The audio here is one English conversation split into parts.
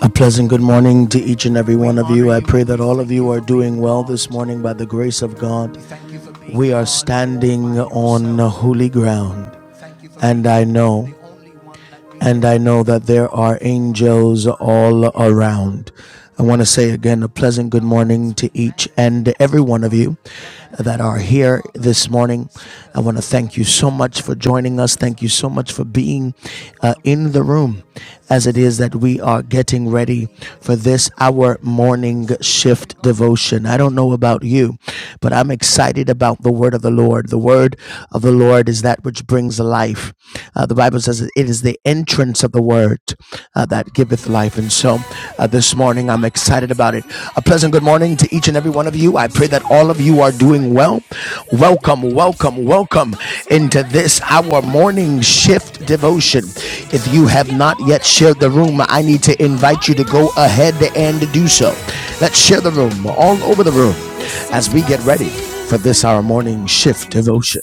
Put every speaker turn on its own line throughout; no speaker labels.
A pleasant good morning to each and every one of you. I pray that all of you are doing well this morning by the grace of God. We are standing on holy ground, and I know and I know that there are angels all around. I want to say again a pleasant good morning to each and every one of you that are here this morning. I want to thank you so much for joining us. Thank you so much for being uh, in the room as it is that we are getting ready for this our morning shift devotion. I don't know about you, but I'm excited about the word of the Lord. The word of the Lord is that which brings life. Uh, the Bible says it is the is the entrance of the word uh, that giveth life. And so uh, this morning, I'm excited about it. A pleasant good morning to each and every one of you. I pray that all of you are doing well. Welcome, welcome, welcome into this our morning shift devotion. If you have not yet shared the room, I need to invite you to go ahead and do so. Let's share the room all over the room as we get ready for this our morning shift devotion.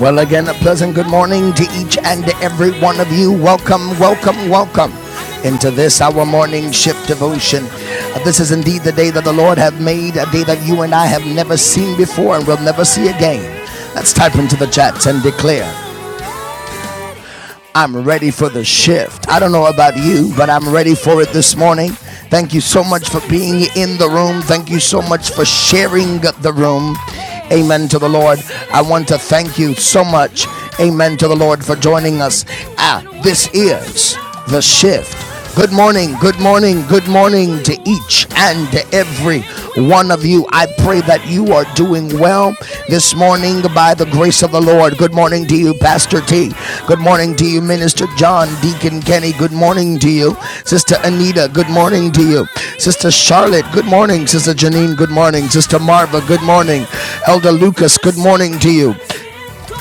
Well, again, a pleasant good morning to each and every one of you. Welcome, welcome, welcome into this our morning shift devotion. Uh, This is indeed the day that the Lord hath made, a day that you and I have never seen before and will never see again. Let's type into the chats and declare I'm ready for the shift. I don't know about you, but I'm ready for it this morning. Thank you so much for being in the room. Thank you so much for sharing the room. Amen to the Lord. I want to thank you so much. Amen to the Lord for joining us. Ah, this is the shift Good morning, good morning, good morning to each and every one of you. I pray that you are doing well this morning by the grace of the Lord. Good morning to you, Pastor T. Good morning to you, Minister John, Deacon Kenny. Good morning to you, Sister Anita. Good morning to you, Sister Charlotte. Good morning, Sister Janine. Good morning, Sister Marva. Good morning, Elder Lucas. Good morning to you,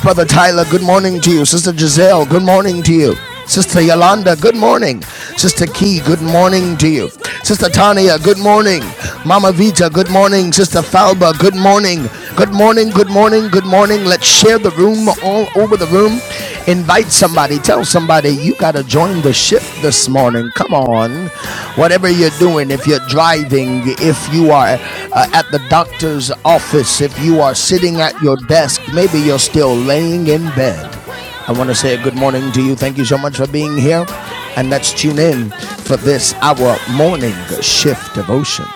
Brother Tyler, good morning to you. Sister Giselle, good morning to you. Sister Yolanda, good morning. Sister Key, good morning to you. Sister Tania, good morning. Mama Vita, good morning. Sister Falba, good morning. Good morning, good morning, good morning. Let's share the room all over the room. Invite somebody. Tell somebody you got to join the shift this morning. Come on. Whatever you're doing, if you're driving, if you are uh, at the doctor's office, if you are sitting at your desk, maybe you're still laying in bed. I want to say a good morning to you. Thank you so much for being here. And let's tune in for this, our morning shift devotion.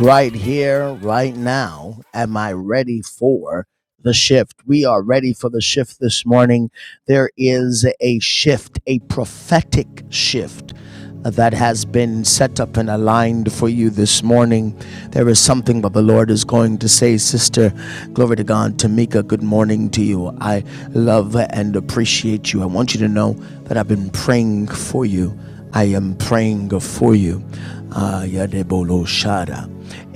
Right here, right now, am I ready for? the shift. We are ready for the shift this morning. There is a shift, a prophetic shift uh, that has been set up and aligned for you this morning. There is something that the Lord is going to say, Sister. Glory to God. Tamika, good morning to you. I love and appreciate you. I want you to know that I've been praying for you. I am praying for you. Ah, Yadebolo Shada.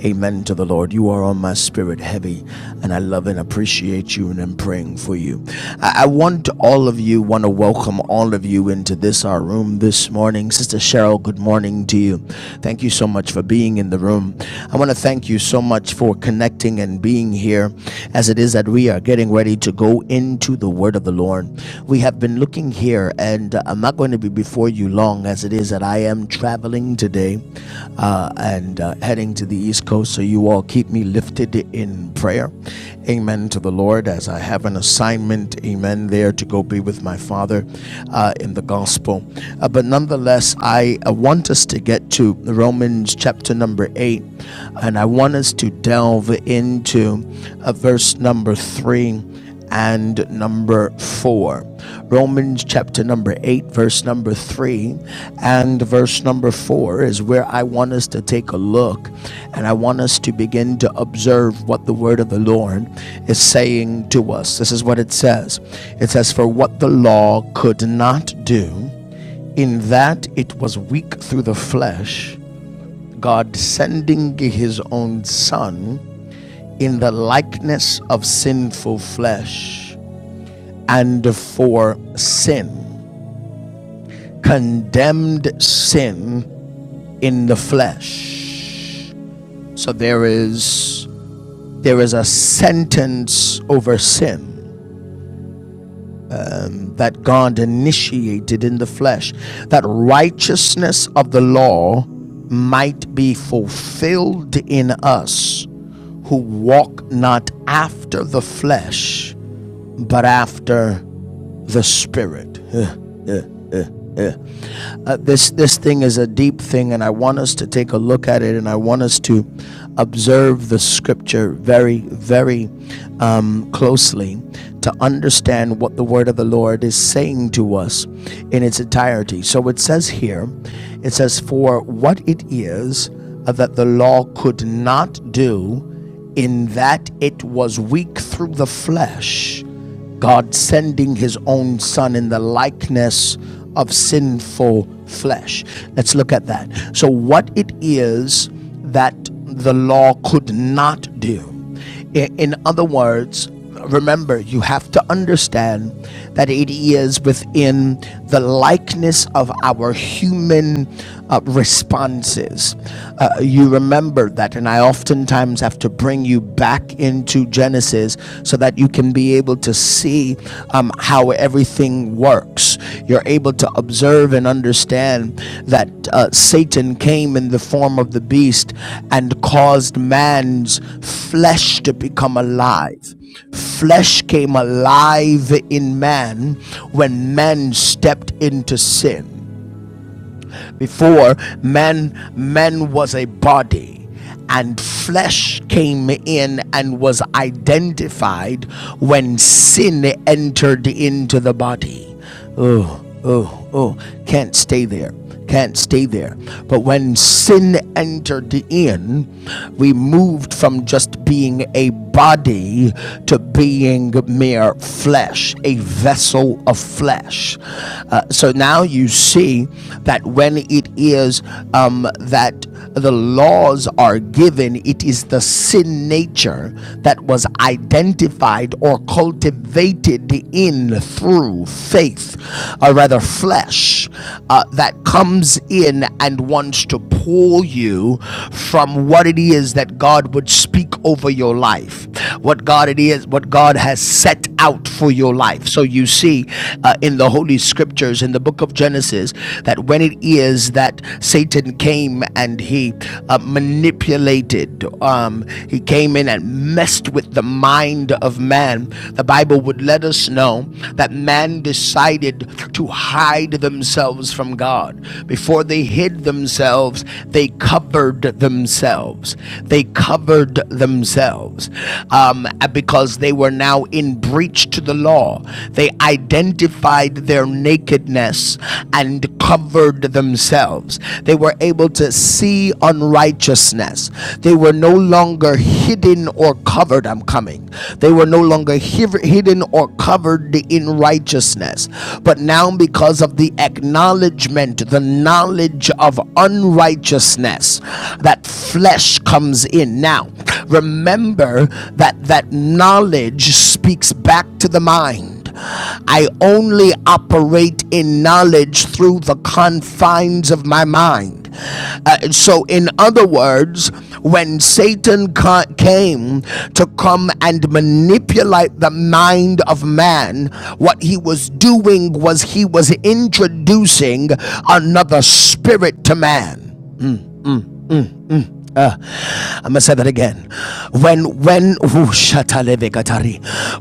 Amen to the Lord. You are on my spirit heavy, and I love and appreciate you, and I'm praying for you. I, I want all of you, want to welcome all of you into this our room this morning. Sister Cheryl, good morning to you. Thank you so much for being in the room. I want to thank you so much for connecting and being here as it is that we are getting ready to go go into the word of the Lord. We have been looking here, and uh, I'm not going to be before you long as it is that I am traveling today uh, and uh, heading to the East Coast. So you all keep me lifted in prayer. Amen to the Lord as I have an assignment, amen, there to go be with my Father uh, in the gospel. Uh, but nonetheless, I uh, want us to get to Romans chapter number 8, and I want us to delve into uh, verse number 3 and number 4. Romans chapter number 8, verse number 3 and verse number 4 is where I want us to take a look and I want us to begin to observe what the word of the Lord is saying to us. This is what it says it says, For what the law could not do, in that it was weak through the flesh, God sending his own Son in the likeness of sinful flesh and for sin, condemned sin in the flesh. So there is there is a sentence over sin that God initiated in the flesh that righteousness of the law might be fulfilled in us who walk not after the flesh but after the spirit. uh, this this thing is a deep thing, and I want us to take a look at it, and I want us to observe the scripture very, very um, closely to understand what the word of the Lord is saying to us in its entirety. So it says here, it says, "For what it is uh, that the law could not do, in that it was weak through the flesh." God sending his own son in the likeness of sinful flesh. Let's look at that. So, what it is that the law could not do. In other words, remember, you have to understand that it is within the likeness of our human uh, responses. Uh, you remember that, and I oftentimes have to bring you back into Genesis so that you can be able to see um, how everything works. You're able to observe and understand that uh, Satan came in the form of the beast and caused man's flesh to become alive flesh came alive in man when man stepped into sin before man man was a body and flesh came in and was identified when sin entered into the body oh oh oh can't stay there can't stay there but when sin entered in we moved from just being a body to being mere flesh a vessel of flesh uh, so now you see that when it is um, that the laws are given, it is the sin nature that was identified or cultivated in through faith, or rather flesh, uh, that comes in and wants to pull you from what it is that God would speak over your life, what God it is, what God has set out for you through your life. So you see uh, in the Holy Scriptures, in the book of Genesis, that when it is that Satan came and he uh, manipulated, um, he came in and messed with the mind of man, the Bible would let us know that man decided to hide themselves from God. Before they hid themselves, they covered themselves. They covered themselves. Um, um, because they were now in breach to the law. They identified their nakedness and covered themselves. They were able to see unrighteousness. They were no longer hidden or covered. I'm coming. They were no longer hidden or covered in righteousness. But now, because of the acknowledgement, the knowledge of unrighteousness, that flesh comes comes in. Now, remember that that knowledge speaks back to the mind. I only operate in knowledge through the confines of my mind. Uh, so, in other words, when Satan ca- came to come and manipulate the mind of man, what he was doing was he was introducing another spirit to man. I'm gonna say that again. When when ooh,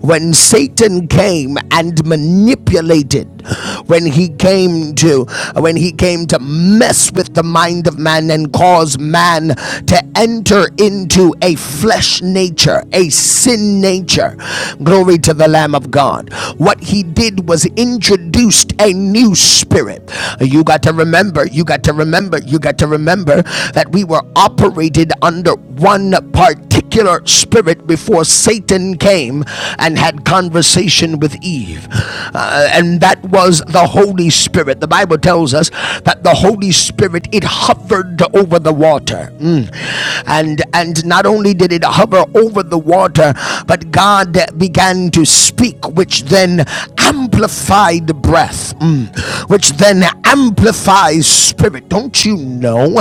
when Satan came and manipulated, when he came to when he came to mess with the mind of man and cause man to enter into a flesh nature, a sin nature. Glory to the Lamb of God. What he did was introduced a new spirit. You got to remember, you got to remember, you got to remember that we were operating operated under one particular spirit before Satan came and had conversation with Eve. Uh, and that was the Holy Spirit. The Bible tells us that the Holy Spirit it hovered over the water. Mm. And and not only did it hover over the water, but God began to speak which then amplified breath, mm, which then amplifies spirit. Don't you know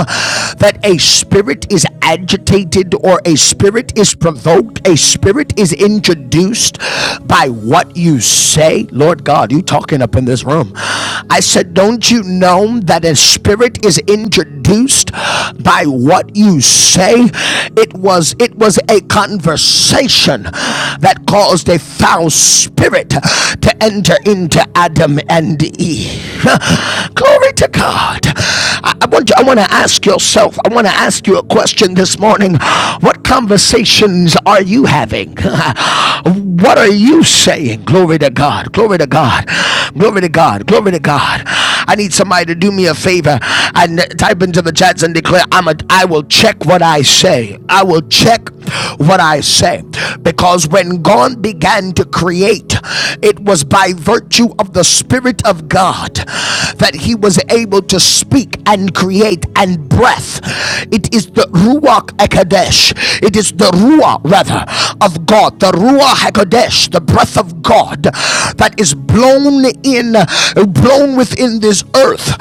that a spirit is agitated or a spirit is provoked? A spirit is introduced by what you say? Lord God, you talking up in this room. I said, Don't you know that a spirit is introduced? seduced by what you say. It was it was a conversation that caused a foul spirit to enter into Adam and Eve. Glory to God. I, I want you, I want to ask yourself. I want to ask you a question this morning. What conversations are you having? what are you saying? Glory to God. Glory to God. Glory to God. Glory to God. I need somebody to do me a favor and type into the chats and declare, I'm a, I will check what I say. I will check what I say. Because when God began to create, it was by virtue of the Spirit of God that he was able to speak and create and breath. It is the Ruach Hakodesh. It is the Ruah, rather, of God. The Ruach Hakodesh, the breath of God that is blown blown in, blown within this earth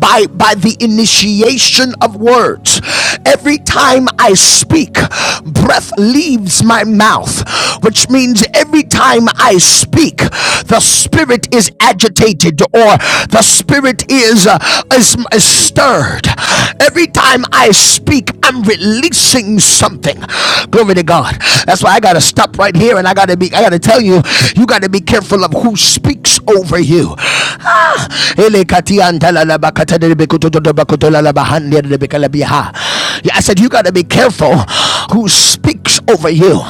by, by the initiation of words. Every time I speak, breath leaves my mouth, which means every time I speak, the spirit is agitated or the spirit is, uh, is, is stirred. Every time I speak, I'm releasing something. Glory to God. That's why I gotta stop right here and I gotta be, I gotta tell you tell you, you got to be careful of who speaks over you. Ah. Yeah, I said, you got to be careful who speaks over you.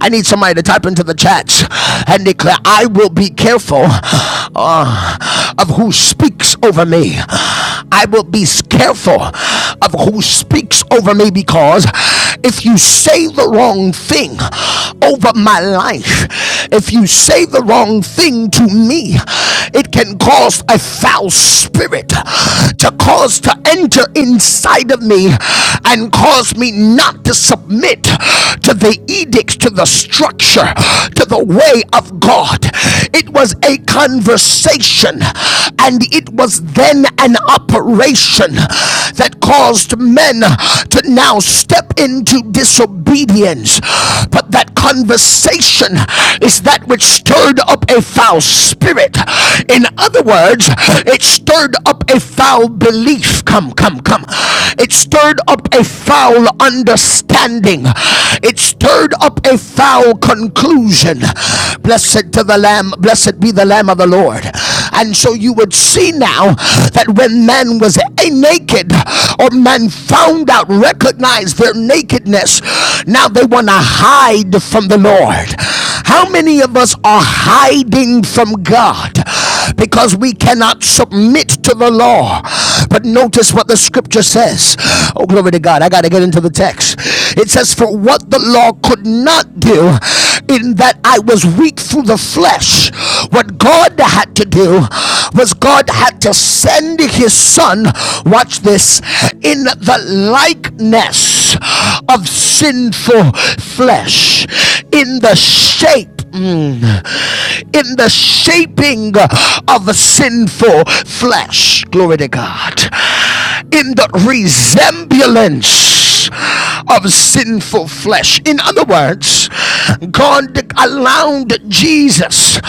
I need somebody to type into the chats and declare, I will be careful uh, of who speaks over me. I will be careful of who speaks over me because if you say the wrong thing, thing over my life. If you say the wrong thing to me, it can cause a foul spirit to cause to enter inside of me and cause me not to submit to the edicts, to the structure, to the way of God. It was a conversation and it was then an operation that caused men to now step into disobedience. But that conversation is that which stirred up a foul spirit. In other words, it stirred up a foul belief. Come, come, come. It stirred up a foul understanding. It stirred up a foul conclusion. Blessed to the Lamb, blessed be the Lamb of the Lord. And so you would see now that when man was a naked, or man found out, recognized their nakedness, now they want to hide from the Lord. How many of us are hiding from God? Because we cannot submit to the law. But notice what the scripture says. Oh, glory to God. I got to get into the text. It says, For what the law could not do, in that I was weak through the flesh. What God had to do was God had to send his son, watch this, in the likeness of sinful flesh, in the shape mm, in the shaping of a sinful flesh. Glory to God in the resemblance of sinful flesh. In other words, God allowed Jesus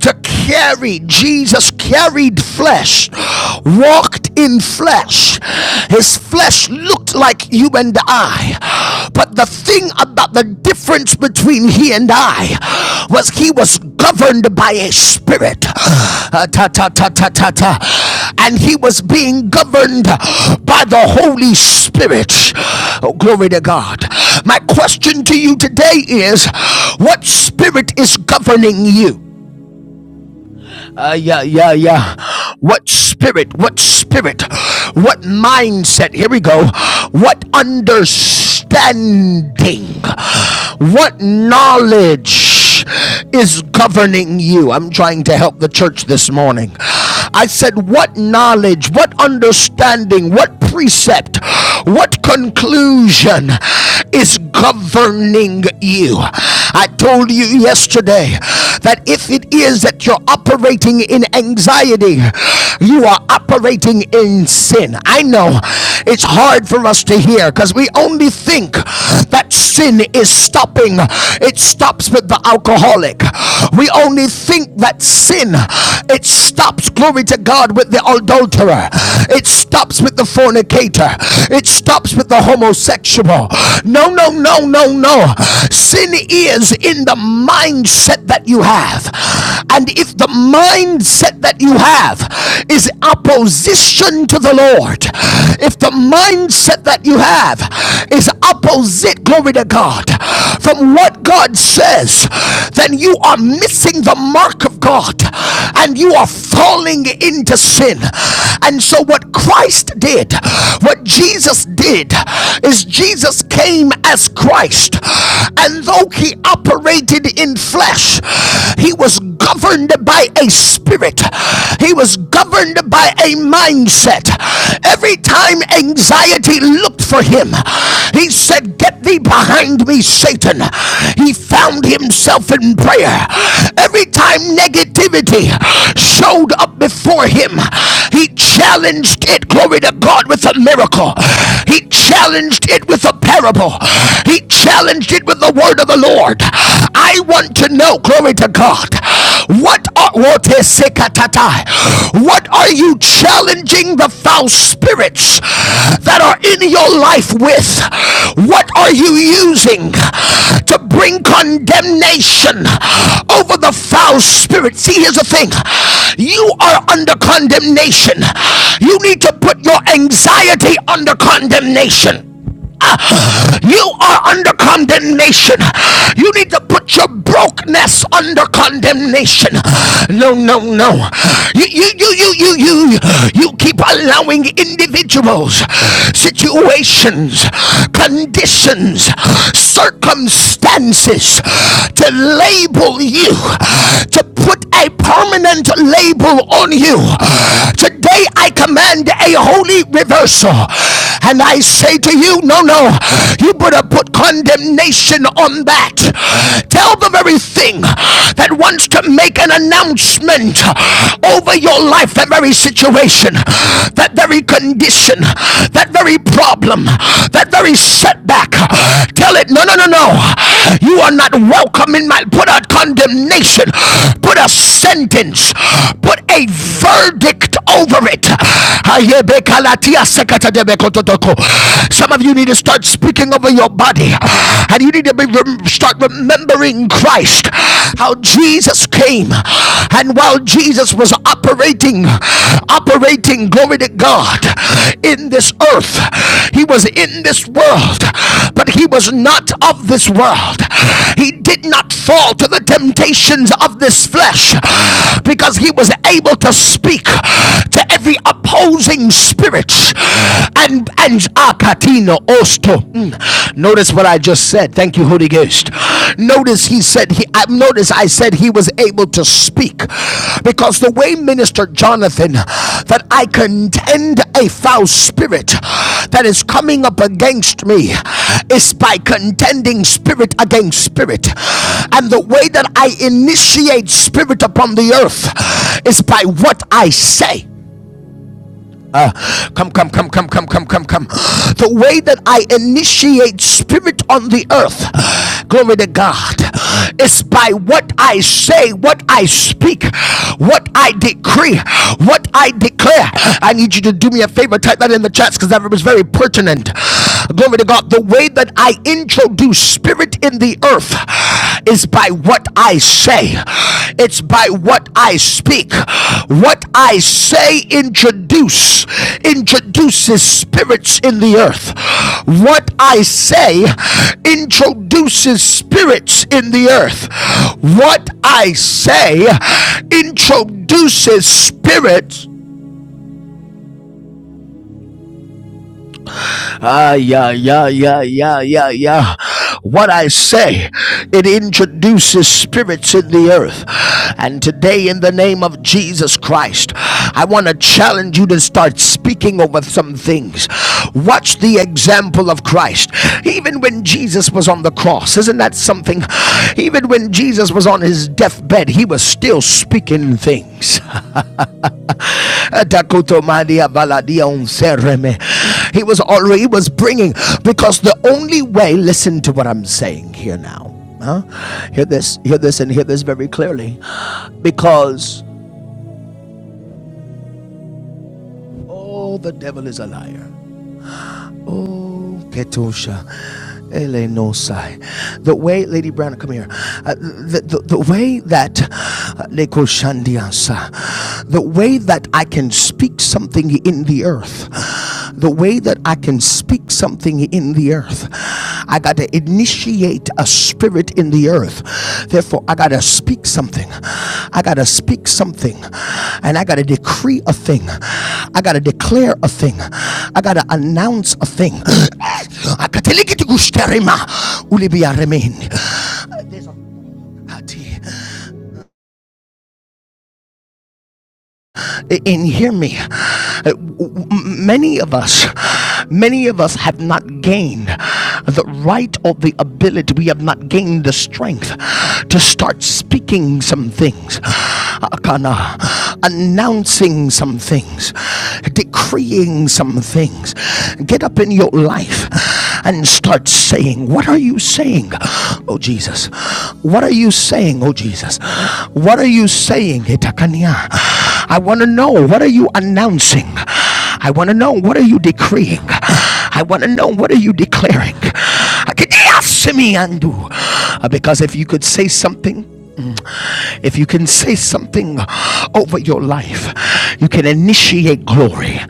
to carry, Jesus carried flesh, walked in flesh. His flesh looked like you and I, but the thing thing about the difference between he and I was he was governed by a spirit. Uh, ta, ta, ta, ta, ta, ta. And he was being governed by the Holy Spirit. Oh, glory to God. My question to you today is what spirit is governing you? Uh, yeah, yeah, yeah. What spirit, what spirit, what mindset? Here we go. What understanding, what knowledge is governing you? I'm trying to help the church this morning. I said, What knowledge, what understanding, what precept, what conclusion is governing you? I told you yesterday that if it is that you're operating in anxiety, you are operating in sin. I know it's hard for us to hear because we only think that sin is stopping, it stops with the alcoholic. We only think that sin, it stops, glory to God, with the adulterer. It's it stops with the fornicator. It stops with the homosexual. No, no, no, no, no. Sin is in the mindset that you have. And if the mindset that you have is opposition to the Lord, if the mindset that you have is opposite, glory to God, from what God says, then you are missing the mark of God and you are falling into sin. And so, what Christ did, what Jesus did, is Jesus came as Christ, and though he operated in flesh, he was governed by a spirit, he was governed by a mindset. Every time a anxiety looked for him. He said, Get thee behind me, Satan. He found himself in prayer. Every time negativity showed up before him, he challenged it, glory to God, with a miracle. He challenged it with a parable. He challenged it with the word of the Lord. I want to know, glory to God. What are what is sekatata? What are you challenging the foul spirits that are in your life with? What are you using to bring condemnation over the foul spirit? See, here's the thing. You are under condemnation. You need to put your anxiety under condemnation. You are under condemnation. You need to put your brokenness under condemnation. No, no, no. You, you, you, you, you, you, you keep allowing individuals, situations, conditions, circumstances to label you, to put a permanent label on you. Today I command a holy reversal. And I say to you, no, no, you better put condemnation on that. Tell the very thing that wants to make an announcement over your life, that very situation, that that very condition, that very problem, that very setback. Tell it, no, no, no, no. You are not welcome in my. Put a condemnation, put a sentence, put a verdict over it. Some of you need to start speaking over your body, and you need to be rem- start remembering Christ, how Jesus. Jesus came and while Jesus was operating, operating, glory to God, in this earth, he was in this world, but he was not of this world. He did not fall to the temptations of this flesh because he was able to speak to every opposing spirit and and akatino osto. Mm. Mm. Notice what I just said. Thank you, Holy Ghost. Notice he said he. I notice I said he was able to speak, because the way Minister Jonathan, that I contend a foul spirit that is coming up against me, is by contending spirit against spirit, and the way that I initiate spirit upon the earth is by what I say. Uh, come, come, come, come, come, come, come, come. The way that I initiate spirit on the earth, glory to God, is by what I say, what I speak, what I decree, what I declare. I need you to do me a favor, type that in the chats because that was very pertinent. Glory to God. The way that I introduce spirit in the the earth is by what I say, it's by what I speak. What I say introduce introduces spirits in the earth. What I say introduces spirits in the earth. What I say introduces spirits Ah, yeah, yeah, yeah, yeah, yeah, yeah. What I say, it introduces spirits in the earth. And today, in the name of Jesus Christ, I want to challenge you to start speaking over some things. Watch the example of Christ. Even when Jesus was on the cross, isn't that something? Even when Jesus was on his deathbed, he was still speaking things. He was already he was bringing because the only way. Listen to what I'm saying here now. Huh? Hear this, hear this, and hear this very clearly, because oh, the devil is a liar. Oh, Ketosha. Elenosai. The way, Lady Brown, come here. Uh, the, the, the way that, uh, Lekoshandiasa, the way that I can speak something in the earth, hear me many of us, many of us have not gained the right or the ability, we have not gained the strength to start speaking some things, Akana, announcing some things, decreeing some things. Get up in your life and start saying, What are you saying? Oh Jesus, what are you saying? Oh Jesus, what are you saying? Itakania. I want to know, what are you announcing? I want to know what are you decreeing? I want to know what are you declaring? Uh, Because if you could say something if you can say something over your life, you can initiate glory.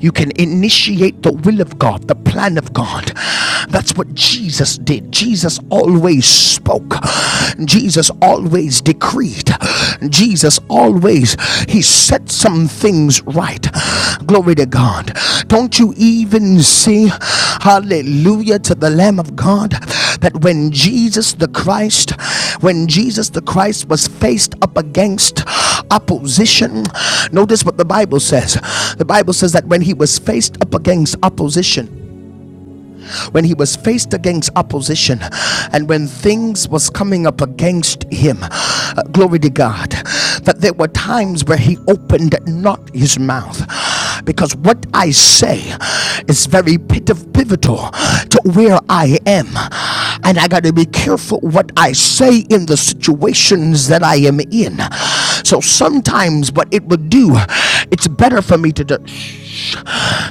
You can initiate the will of God, the plan of God. That's what Jesus did. Jesus always spoke. Jesus always decreed. Jesus always he said some things says when was up against when he was faced against opposition and when things was coming up against him uh, glory to god that there were times where he opened not his mouth because what i say is very pivotal to where i am and i got to be careful what i say in the situations that i am in so sometimes what it would do it's better for me to, to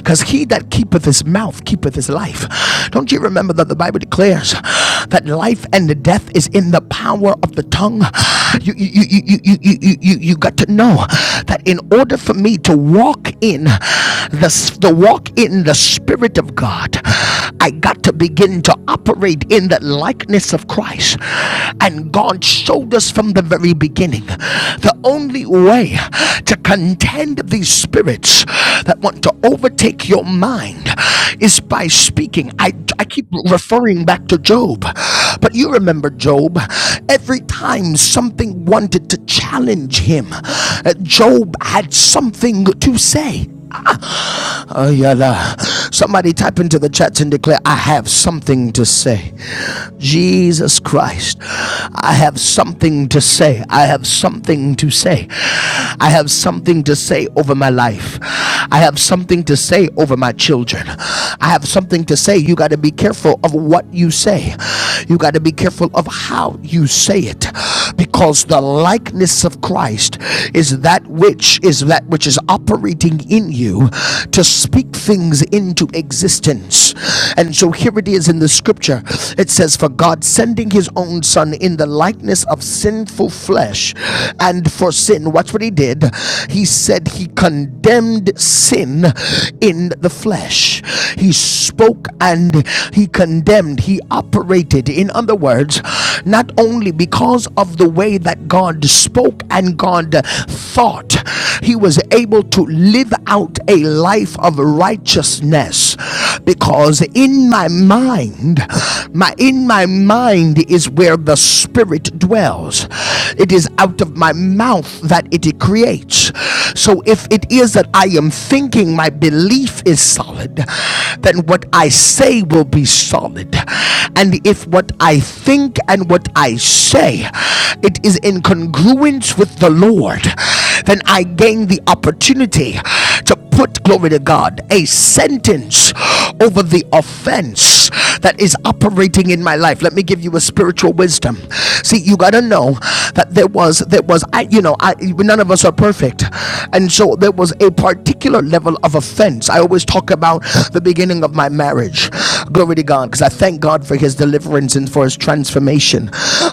because he that keepeth his mouth keepeth his life. Don't you remember that the Bible declares that life and the death is in the power of the tongue? You, you, you, you, you, you, you, you you got to know that in order for me to walk in the, the walk in the Spirit of God, I got to begin to operate in the likeness of Christ. And God showed us from the very beginning the only way to contend these spirits that want to overtake your mind is by speaking. I, I keep referring back to Job, but you remember Job. Every time something wanted to challenge him, uh, Job had something to say. Ayala. Somebody type into the chat and declare, I have something to say. Jesus Christ, I have something to say. I have something to say. I have something to say over my life. I have something to say over my children. I have something to say. You got to be careful of what you say, you got to be careful of how you say it because the likeness of Christ is that that which is that which is operating in you to speak things into existence. And so here it is in the scripture. It says, For God sending his own son in the likeness of sinful flesh, and for sin, watch what he did. He said he condemned sin in the flesh. He spoke and he condemned, he operated. In other words, not only because because of the way that God spoke and God thought, he was able to live out a life of righteousness. Because in my mind, my in my mind is where the spirit dwells. It is out of my mouth that it creates. So if it is that I am thinking my belief is solid, then what I say will be solid God. And if what I think and what I say it is in congruence with the Lord, then I gain the opportunity to put glory to God a sentence over the offense that is operating in my life. Let me give you a spiritual wisdom. See, you got to know that there was there was I you know, I none of us are perfect. And so there was a particular level of offense deliverance. I always talk about the beginning of my marriage. Glory to God, because I thank God for His deliverance and for His transformation.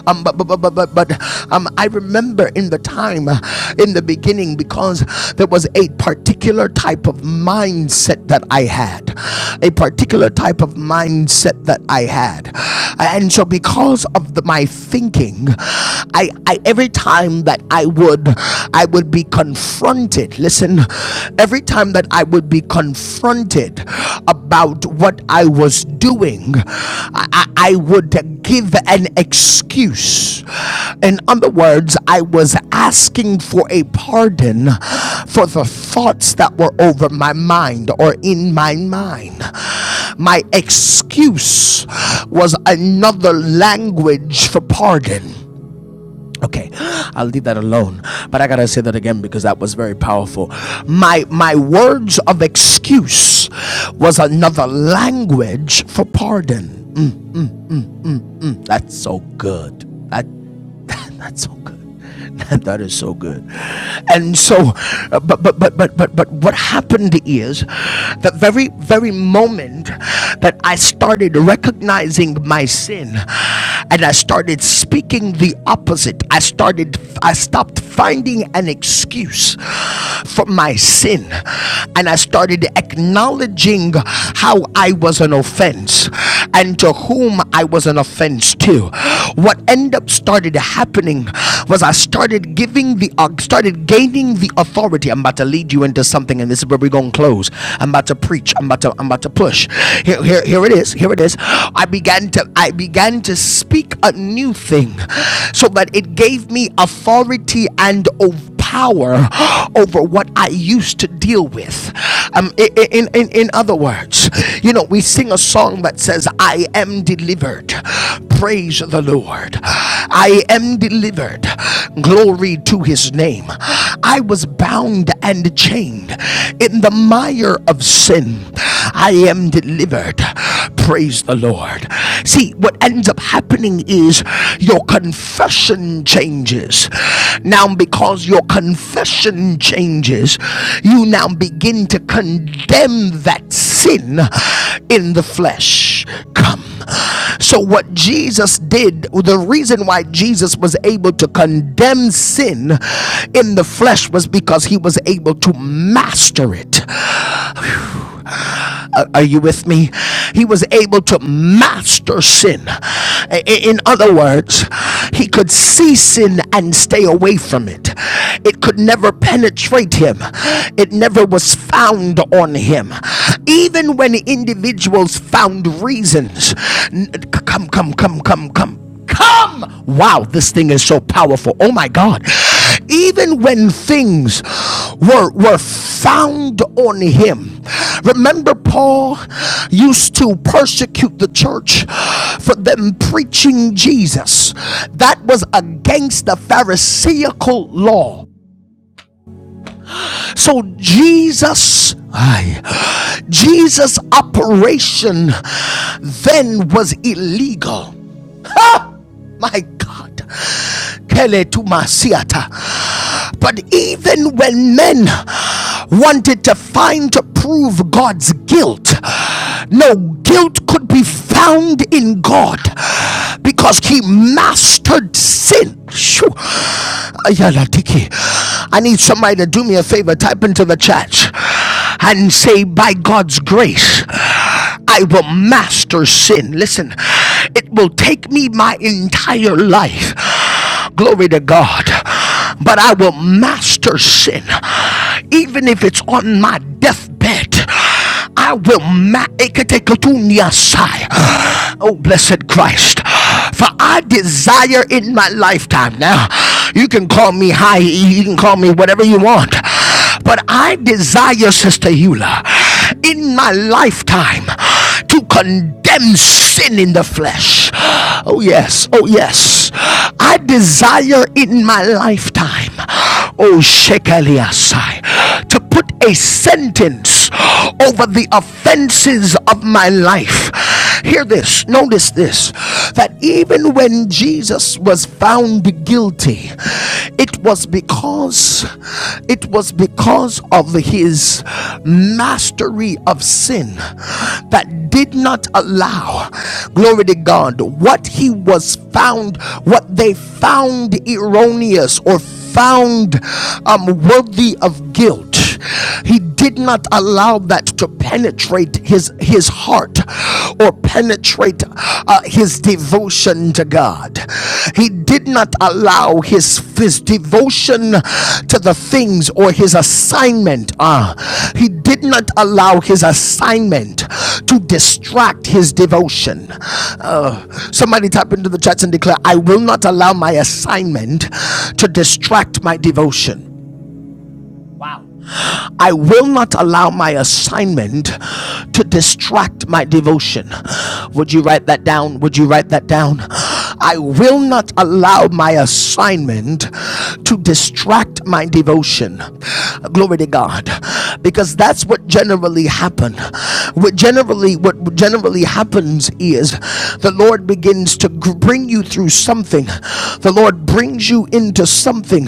Um, but but but but but, but um, I remember in the time, uh, in the beginning, because there was a particular type of mindset that I had, a particular type of mindset that I had, and so because of the, my thinking, I, I every time that I would, I would be would be confronted, listen, every time that I would be confronted about what I was doing, I, I I would give an excuse. In other words, I was asking for a pardon for the thoughts that were over my mind or in my mind. My excuse was another language for pardon. Okay, I'll leave that alone. But I gotta say that again because that was very powerful. My my words of excuse was another language for pardon. That's so good. That That's so good. that is so good. And so, uh, but, but, but, but, but, but what happened is the very, very moment that I started recognizing my sin and I started speaking the opposite, I started, I stopped finding an excuse for my sin and I started acknowledging how I I was an offense and to whom I was an offense to. What ended up started happening was I started giving the uh, started gaining the authority. I'm about to lead you into something, and this is where we're gonna close. I'm about to preach. I'm about to I'm about to push. Here, here, here it is. Here it is. I began to I began to speak a new thing so that it gave me authority and over power over what I used to deal with. Um, in, in, in other words, you know, we sing a song that says, I am delivered. Praise the Lord. I am delivered. Glory to his name. I was bound and chained in the mire of sin. I am delivered. Praise the Lord. See, what what ends up happening is your confession changes. Now, because your confession changes, you now begin to condemn that sin in the flesh. Come. So, what Jesus did, the reason why Jesus was able to condemn sin in the flesh was because he was able to master it. Are you with me? He was able to master sin. In other words, he could see sin and stay away from it. It could never penetrate him, it never was found on him. Even when individuals found reasons, come, come, come, come, come come. Wow, this thing is so powerful. Oh my God even when things were were found on him remember paul used to persecute the church for them preaching jesus that was against the pharisaical law so jesus I, jesus operation then was illegal my god Kele to Masiata. But even when men wanted to find to prove God's guilt, no guilt could be found in God because he mastered sin. Shoo. Ayalatiki. I need somebody to do me a favor, type into the chat and say, By God's grace, I will master sin. Listen, it will take me my entire life Glory to God. But I will master sin, even if it's on my deathbed. I will ma- Oh, blessed Christ. For I desire in my lifetime. Now, you can call me high, you can call me whatever you want. But I desire, Sister Eula, in my lifetime to condemn sin in the flesh. Oh, yes. Oh, yes. I desire in my lifetime, oh, Shekeliasai, to to put a sentence over the offenses of my life. Hear this, notice this that even when Jesus was found guilty, it was because it was because of his mastery of sin that did not allow glory to God what he was found what they found erroneous or false found um, worthy of guilt, he did not allow that to penetrate his, his heart or penetrate uh, his devotion to God. He did not allow his, his devotion on to the things or his assignment. Ah, uh, he did not allow his assignment to distract his devotion. Uh, somebody tap into the chats and declare, I will not allow my assignment to distract my devotion. I will not allow my assignment to distract my devotion. Would you write that down? Would you write that down? I will not allow my assignment to distract my devotion. Glory to God because that's what generally happened. What generally what generally happens is the Lord begins to bring you through something. The Lord brings you into something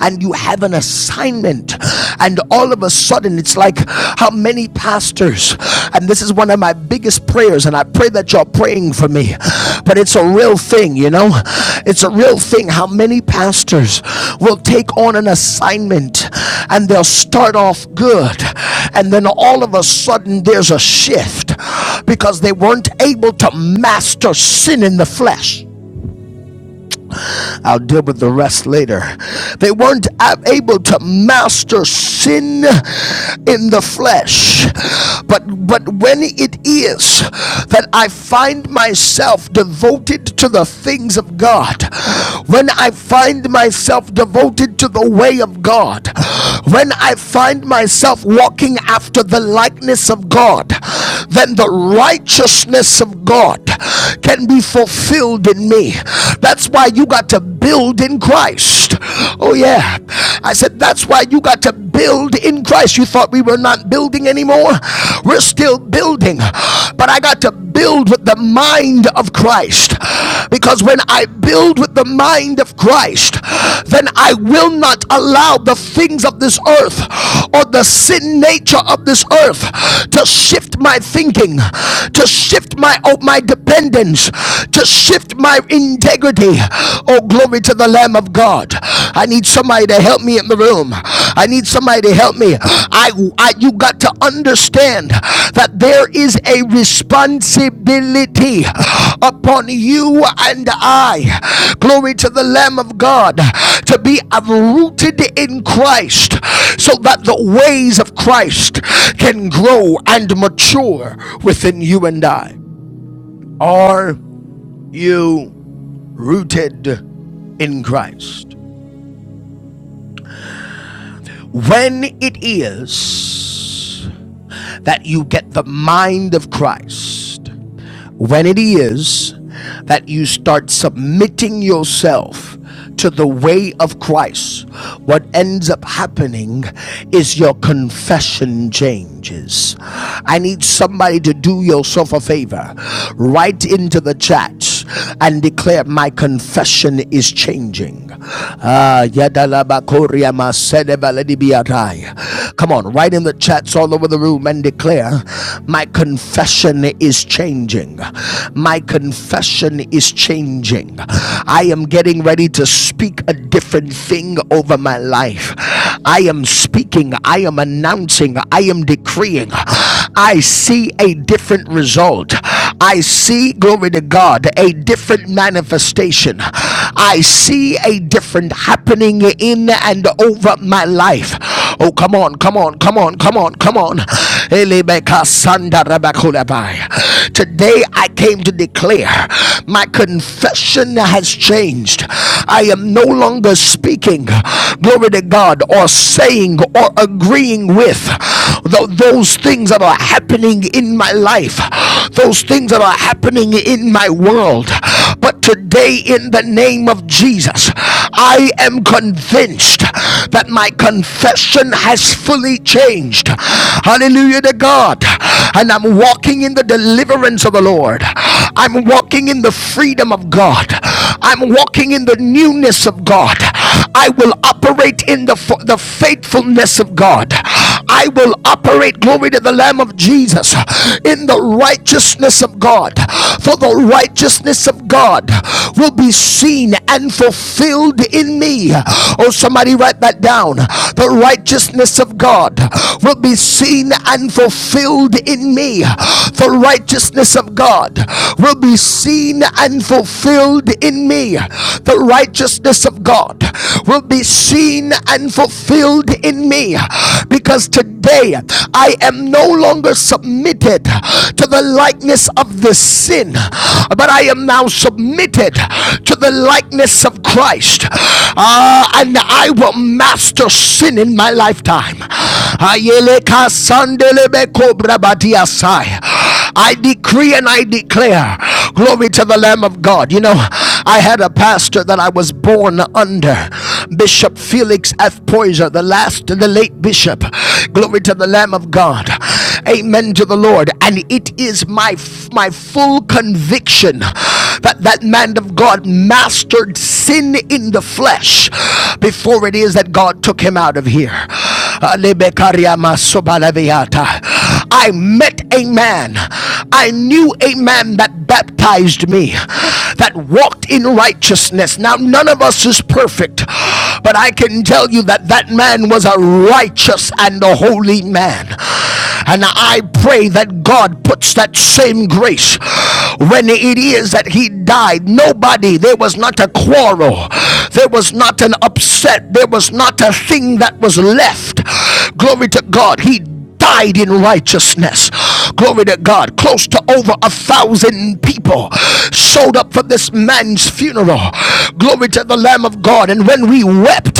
and you have an assignment and all of a sudden it's like how many pastors and this is one of my big biggest prayers, and I pray that you're praying for me. But it's a real thing, you know? It's a real thing how many pastors will take on an assignment and they'll start off good, and then all of a sudden there's a shift because they weren't able to master sin in the flesh. I'll deal with the rest later. They weren't able to master sin in the flesh. But but when it is that I find myself devoted to the things of God, when I find myself devoted to the way of God, when I find myself walking after the likeness of God, then the righteousness of God can be fulfilled in me. That's why you got to build in Christ. Oh, yeah. I said, that's why you got to build in Christ. You thought we were not building anymore? We're still building. But I got to build with the mind of Christ. Because when I build with the mind of Christ, then I will not allow the things of this earth or the sin nature of this earth to shift my thinking, to shift my oh, my dependence, to shift my integrity. Oh, glory to the Lamb of God. I need somebody to help me in the room. I I need somebody to help me. I, I you got to understand that there is a responsibility upon you and I. Glory to the Lamb of God to be rooted in Christ so that the ways of Christ can grow and mature within you and I. Are you rooted in Christ? When it is that you get the mind of Christ when it is that you start submitting yourself to the way of Christ, what ends up happening is your confession changes. I need somebody to do yourself a favor. Write into the chat and declare my confession is changing. Ah, yadalabakoria masedebaledibiatai. Come on, write in the chats all over the room and declare my confession is changing changing. My confession is changing. I am getting ready to speak a different thing over my life. I am speaking. I am announcing. I am decreeing. I see a different result. I see, glory to God, a different manifestation. I see a different happening in and over my life. Oh, come on, come on, come on, come on, come on. Today I came to declare my confession has changed. I am no longer speaking, glory to God, or saying or agreeing with those things that are happening in my life, those things that are happening in my world but. But today, in the name of Jesus, I am convinced that my confession has fully changed. Hallelujah to God. And I'm walking in the deliverance of the Lord. I'm walking in the freedom of God. I'm walking in the newness of God. I will operate in the, the faithfulness of God. I will operate, glory to the Lamb of Jesus, in the righteousness of God. For the righteousness of God will be seen and fulfilled in me. Oh, somebody write that down. The righteousness of God will be seen and fulfilled in me. The righteousness of God will be seen and fulfilled in me. The righteousness of purpose of God will be seen and fulfilled in me because today I am no longer submitted to the likeness of the sin, but I am now submitted to the likeness of Christ. Uh, and I will master sin in my lifetime. I decree and I declare, glory to the Lamb of God. You know, I had a pastor that I was born under, Bishop Felix F. Poyser, the last, the late bishop. Glory to the Lamb of God. Amen to the Lord. And it is my my full conviction that that man of God mastered sin in the flesh before it is that God took him out of here. I met a man. I knew a man that baptized me, that walked in righteousness. Now, none of us is perfect, but I can tell you that that man was a righteous and a holy man. And I pray that God puts that same grace when it is that he died. Nobody, there was not a quarrel, there was not an upset, there was not a thing that was left. Glory to God. He died in righteousness. Glory to God. Close to over a thousand people showed up for this man's funeral. Glory to the Lamb of God. And when we wept,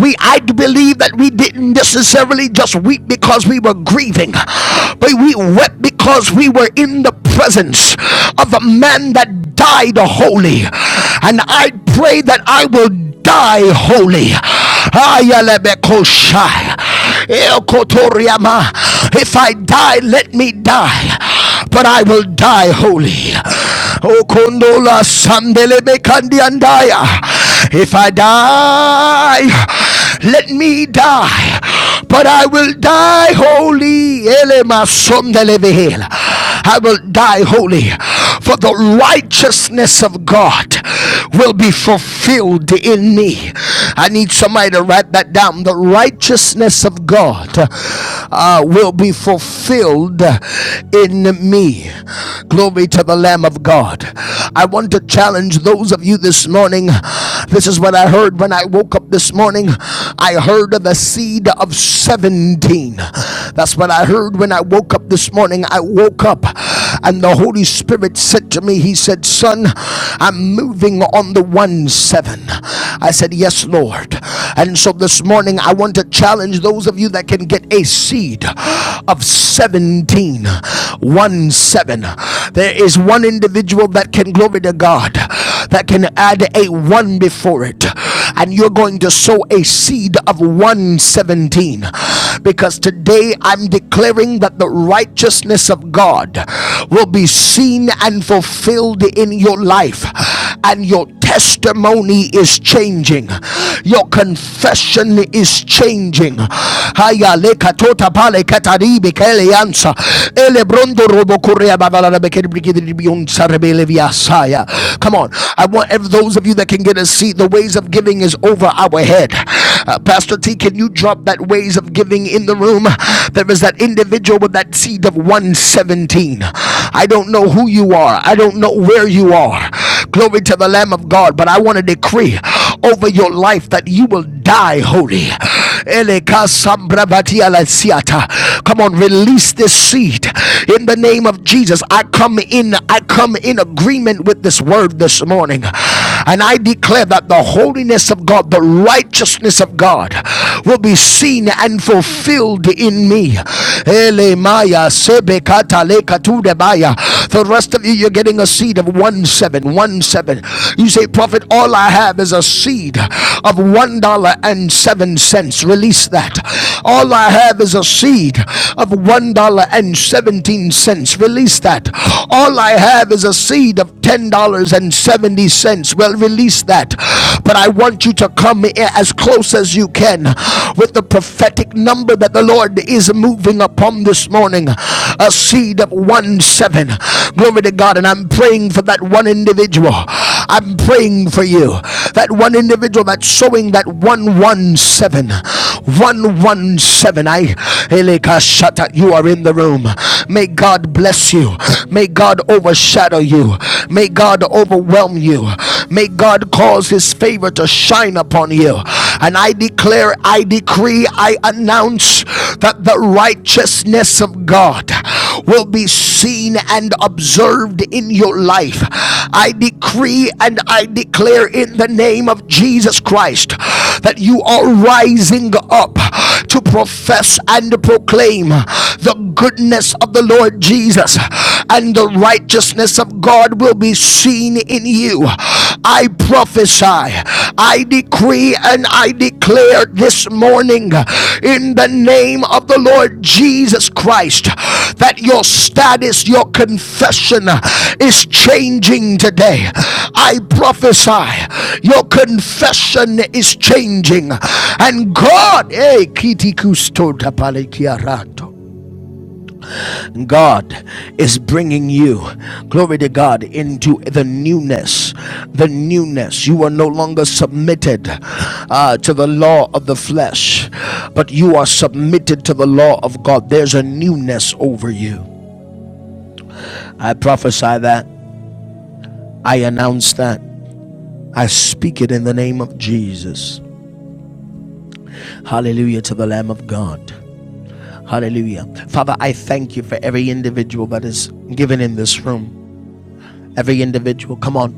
we I believe that we didn't necessarily just weep because we were grieving, but we wept because we were in the presence of a man that died holy. And I pray that I will die holy. If I die, let me die, but I will die holy. Okondola sandele bekandi andaya. If I die, let me die, but I will die holy. Elema sondele behel. I will die holy for the righteousness of God will be fulfilled in me. I need somebody to write that down. The righteousness of God uh, will be fulfilled in me. Glory to the Lamb of God. I want to challenge those of you this morning. This is what I heard when I woke up this morning. I heard of the seed of 17. That's what I heard when I woke up this morning. I woke up and the Holy Spirit said to me, He said, Son, I'm moving on the 1 7. I said, Yes, Lord. And so this morning, I want to challenge those of you that can get a seed of 17. 1 7. There is one individual that can, glory to God, that can add a one before it. And you're going to sow a seed of 117. Because today I'm declaring that the righteousness of God will be seen and fulfilled in your life. And your testimony is changing. Your confession is changing. Messiah. Come on. I want ev- those of you that can get a seat, the ways of giving is over our head. Uh, Pastor T, can you drop that ways of giving in the room? There is that individual with that seed of 117. I don't know who you are. I don't know where you are. Glory to the Lamb of God. But I want to decree over your life that you will die holy. Elekasambravatialasiata. Come on, release this seed in the name of Jesus. I come in, I come in agreement with this word this morning. And I declare that the holiness of God, the righteousness of God, will be seen and fulfilled in me. Elemaya sebekata lekatudebaya. The rest of you, you're getting a seed of one seven, one seven. You say, Prophet, all I have is a seed of one dollar and seven cents. Release that. All I have is a seed of one dollar and seventeen cents. Release that. All I have is a seed of ten $10.70. Well, release that. But I want you to come here as close as you can with the prophetic number that the Lord is moving upon this morning a seed of 1 7. Glory to God. And I'm praying for that one individual. I'm praying for you. That one individual that's showing that 117, 117. I Eleka you are in the room. May God bless you. May God overshadow you. May God overwhelm you. May God cause his favor to shine upon you. And I declare, I decree, I announce that the righteousness of God will be seen and observed in your life. I decree and I declare in the name of Jesus Christ that you are rising up to profess and proclaim the goodness of the Lord Jesus and the righteousness of God will be seen in you. I prophesy, I decree, and I declare this morning in the name of the Lord Jesus Christ that your status, your confession is changing today. I prophesy your confession is changing, and God, hey, kiti kusto tapale kiarato. God is bringing you, glory to God, into the newness. The newness. You are no longer submitted uh, to the law of the flesh, but you are submitted to the law of God. There's a newness over you. I prophesy that. I announce that. I speak it in the name of Jesus. Hallelujah to the Lamb of God. Hallelujah. Father, I thank you for every individual that is given in this room. Every individual. Come on.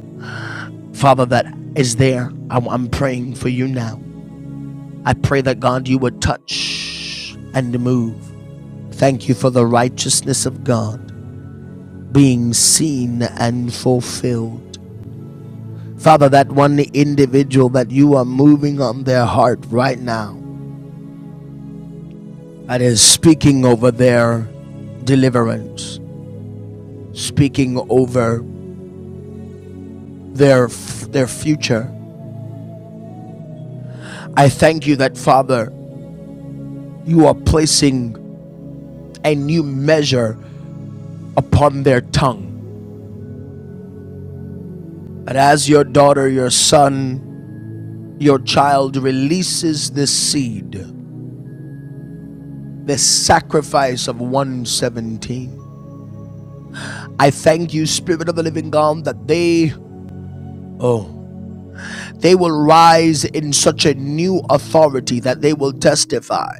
Father, that is there. I'm, I'm praying for you now. I pray that God, you would touch and move. Thank you for the righteousness of God being seen and fulfilled. Father, that one individual that you are moving on their heart right now, that is speaking over their deliverance, speaking over their their future. I thank you that Father, you are placing a new measure upon their tongue. And as your daughter, your son, your child releases this seed, this sacrifice of 117, I thank you, Spirit of the Living God, that they, oh, they will rise in such a new authority that they will testify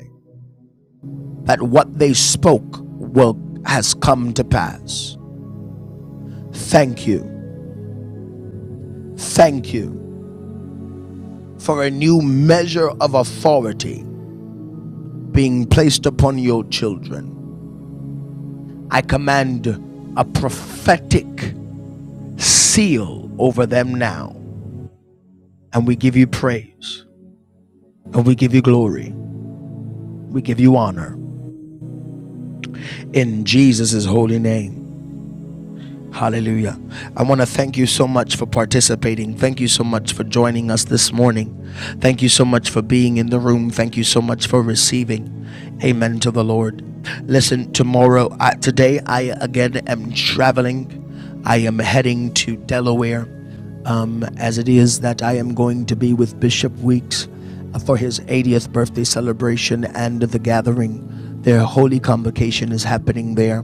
that what they spoke will has come to pass. Thank you. Thank you for a new measure of authority being placed upon your children. I command a prophetic seal over them now. And we give you praise and we give you glory. We give you honor in Jesus' holy name. Hallelujah. I want to thank you so much for participating. Thank you so much for joining us this morning. Thank you so much for being in the room. Thank you so much for receiving. Amen to the Lord. Listen, tomorrow, uh, today, I again am traveling. I am heading to Delaware um, as it is that I am going to be with Bishop Weeks uh, for his 80th birthday celebration and the gathering. Their holy convocation is happening there.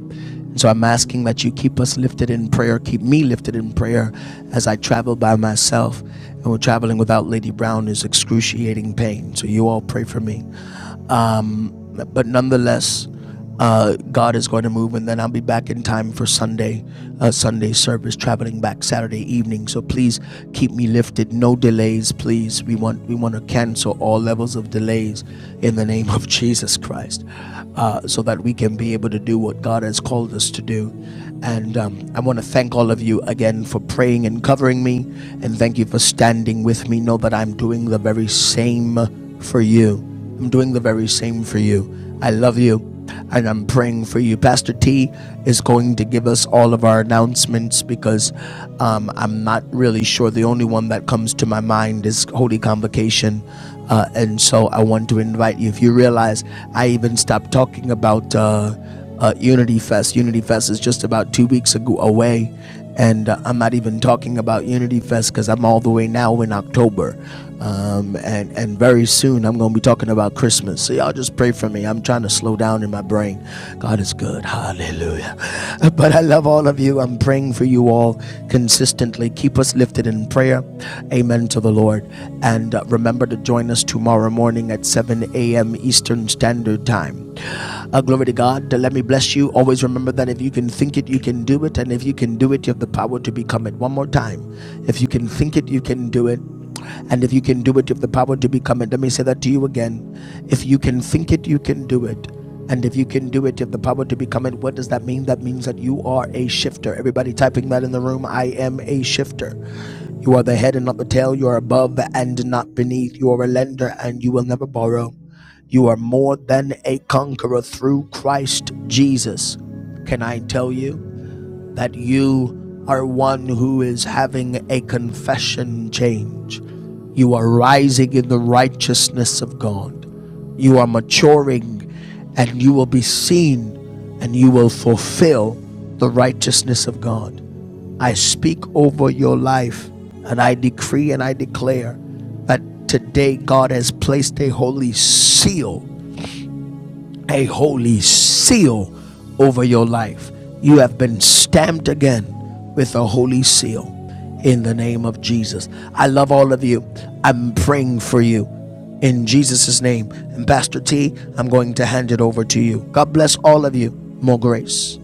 And so I'm asking that you keep us lifted in prayer, keep me lifted in prayer as I travel by myself. And we're traveling without Lady Brown is excruciating pain. So you all pray for me. Um, but nonetheless, uh, God is going to move, and then I'll be back in time for Sunday, uh, Sunday service. Traveling back Saturday evening, so please keep me lifted. No delays, please. We want we want to cancel all levels of delays in the name of Jesus Christ, uh, so that we can be able to do what God has called us to do. And um, I want to thank all of you again for praying and covering me, and thank you for standing with me. Know that I'm doing the very same for you I'm doing the very same for you. I love you and I'm praying for you. Pastor T is going to give us all of our announcements because um, I'm not really sure. The only one that comes to my mind is Holy Convocation. Uh, and so I want to invite you. If you realize, I even stopped talking about uh, uh, Unity Fest. Unity Fest is just about two weeks ago away. And uh, I'm not even talking about Unity Fest because I'm all the way now in October um, and and very soon I'm going to be talking about Christmas. So y'all just pray for me. I'm trying to slow down in my brain. God is good. Hallelujah. But I love all of you. I'm praying for you all consistently. Keep us lifted in prayer. Amen to the Lord. And uh, remember to join us tomorrow morning at 7 a.m. Eastern Standard Time. Uh, glory to God. Uh, Let me bless you. Always remember that if you can think it, you can do it. And if you can do it, you have the power to become it. One more time. If you can think it, you can do it. And if you can do it, you have the power to become it. Let me say that to you again. If you can think it, you can do it. And if you can do it, you have the power to become it. What does that mean? That means that you are a shifter. Everybody typing that in the room, I am a shifter. You are the head and not the tail. You are above and not beneath. You are a lender and you will never borrow. You are more than a conqueror through Christ Jesus. Can I tell you? that you are one who is having a confession change. You are rising in the righteousness of God. You are maturing and you will be seen and you will fulfill the righteousness of God. I speak over your life and I decree and I declare that today God has placed a holy seal a holy seal over your life. You have been stamped again with a holy seal in the name of Jesus. I love all of you. I'm praying for you in Jesus' name. And Pastor T, I'm going to hand it over to you. God bless all of you. More grace.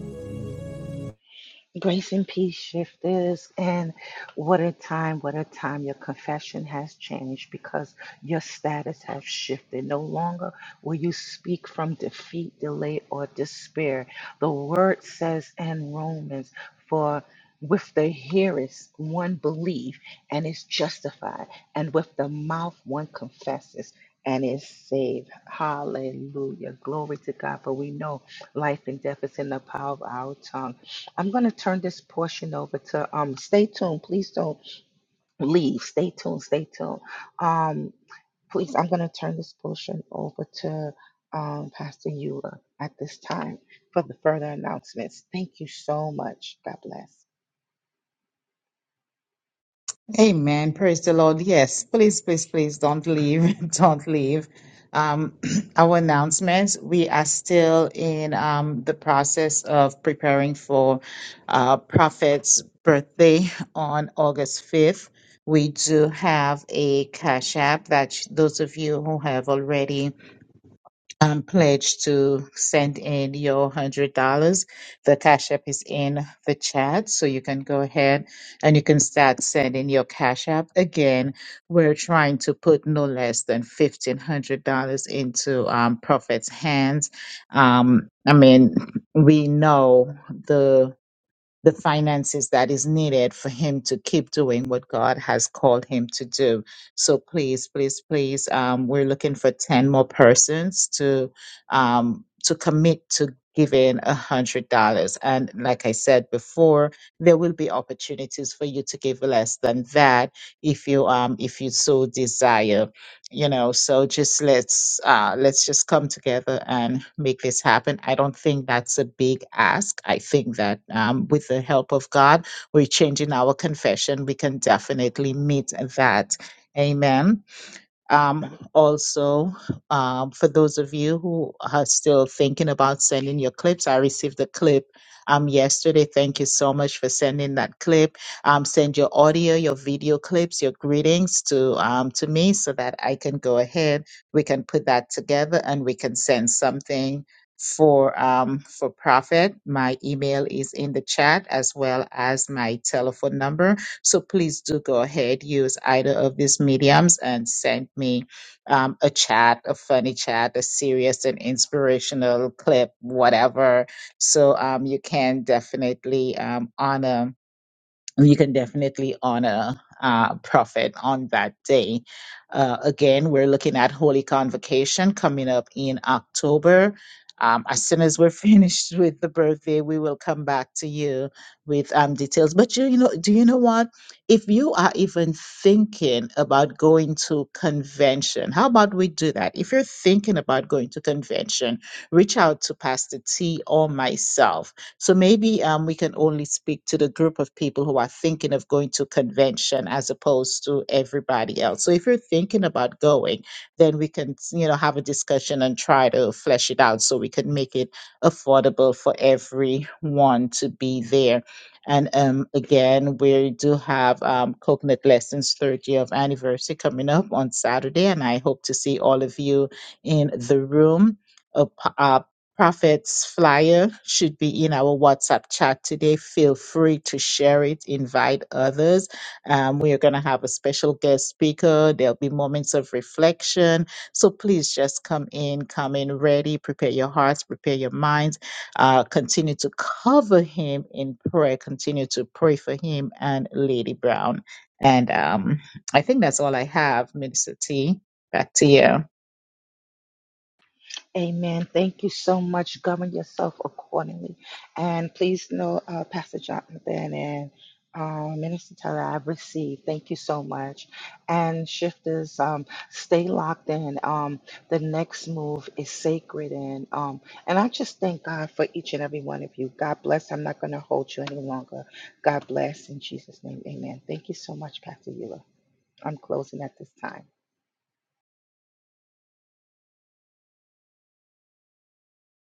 Grace and peace, shifters. And what a time, what a time. Your confession has changed because your status has shifted. No longer will you speak from defeat, delay, or despair. The word says in Romans, for with the hearers one believes and is justified, and with the mouth one confesses and is saved. Hallelujah. Glory to God. For we know life and death is in the power of our tongue I'm going to turn this portion over to um stay tuned. Please don't leave. Stay tuned. Stay tuned. Um please I'm going to turn this portion over to um Pastor Eula at this time for the further announcements. Thank you so much. God bless.
Amen. Praise the Lord. Yes, please, please, please don't leave. Don't leave. Um, our announcements, we are still in um, the process of preparing for uh, Prophet's birthday on August 5th. We do have a cash app that sh- those of you who have already um, pledge to send in your hundred dollars. The Cash App is in the chat, so you can go ahead and you can start sending your Cash App. Again, we're trying to put no less than fifteen hundred dollars into um, Prophet's hands. Um, I mean, we know the the finances that is needed for him to keep doing what God has called him to do. So please, please, please, um, we're looking for 10 more persons to um, to commit to giving a hundred dollars. And like I said before, there will be opportunities for you to give less than that if you um if you so desire you know so just let's uh let's just come together and make this happen i don't think that's a big ask i think that um, with the help of god we're changing our confession we can definitely meet that amen um, also, um, for those of you who are still thinking about sending your clips, I received the clip um, yesterday. Thank you so much for sending that clip. Um, send your audio, your video clips, your greetings to um, to me so that I can go ahead. We can put that together and we can send something for um, for profit. My email is in the chat as well as my telephone number so please do go ahead, use either of these mediums and send me um, a chat, a funny chat, a serious and inspirational clip, whatever. So um, you can definitely um, honor you can definitely honor uh, prophet on that day. Uh, again, we're looking at Holy Convocation coming up in October. Um, as soon as we're finished with the birthday, we will come back to you with um, details. But you, you know, do you know what? If you are even thinking about going to convention, how about we do that? If you're thinking about going to convention, reach out to Pastor T or myself so maybe um, we can only speak to the group of people who are thinking of going to convention as opposed to everybody else. So if you're thinking about going, then we can, you know, have a discussion and try to flesh it out so we can make it affordable for everyone to be there. And um, again, we do have um, Coconut Lessons third year of anniversary coming up on Saturday, and I hope to see all of you in the room Uh, Prophet's flyer should be in our WhatsApp chat today. Feel free to share it, invite others. Um, we are going to have a special guest speaker. There'll be moments of reflection. So please just come in, come in ready, prepare your hearts, prepare your minds. Uh, continue to cover him in prayer, continue to pray for him and Lady Brown. And um, I think that's all I have, Minister T. Back to you.
Amen. Thank you so much. Govern yourself accordingly. And please know, uh, Pastor Jonathan and uh, Minister Taylor, I've received. Thank you so much. And shifters, um, stay locked in. Um, the next move is sacred. And, um, and I just thank God for each and every one of you. God bless. I'm not going to hold you any longer. God bless. In Jesus' name, amen. Thank you so much, Pastor Eula. I'm closing at this time.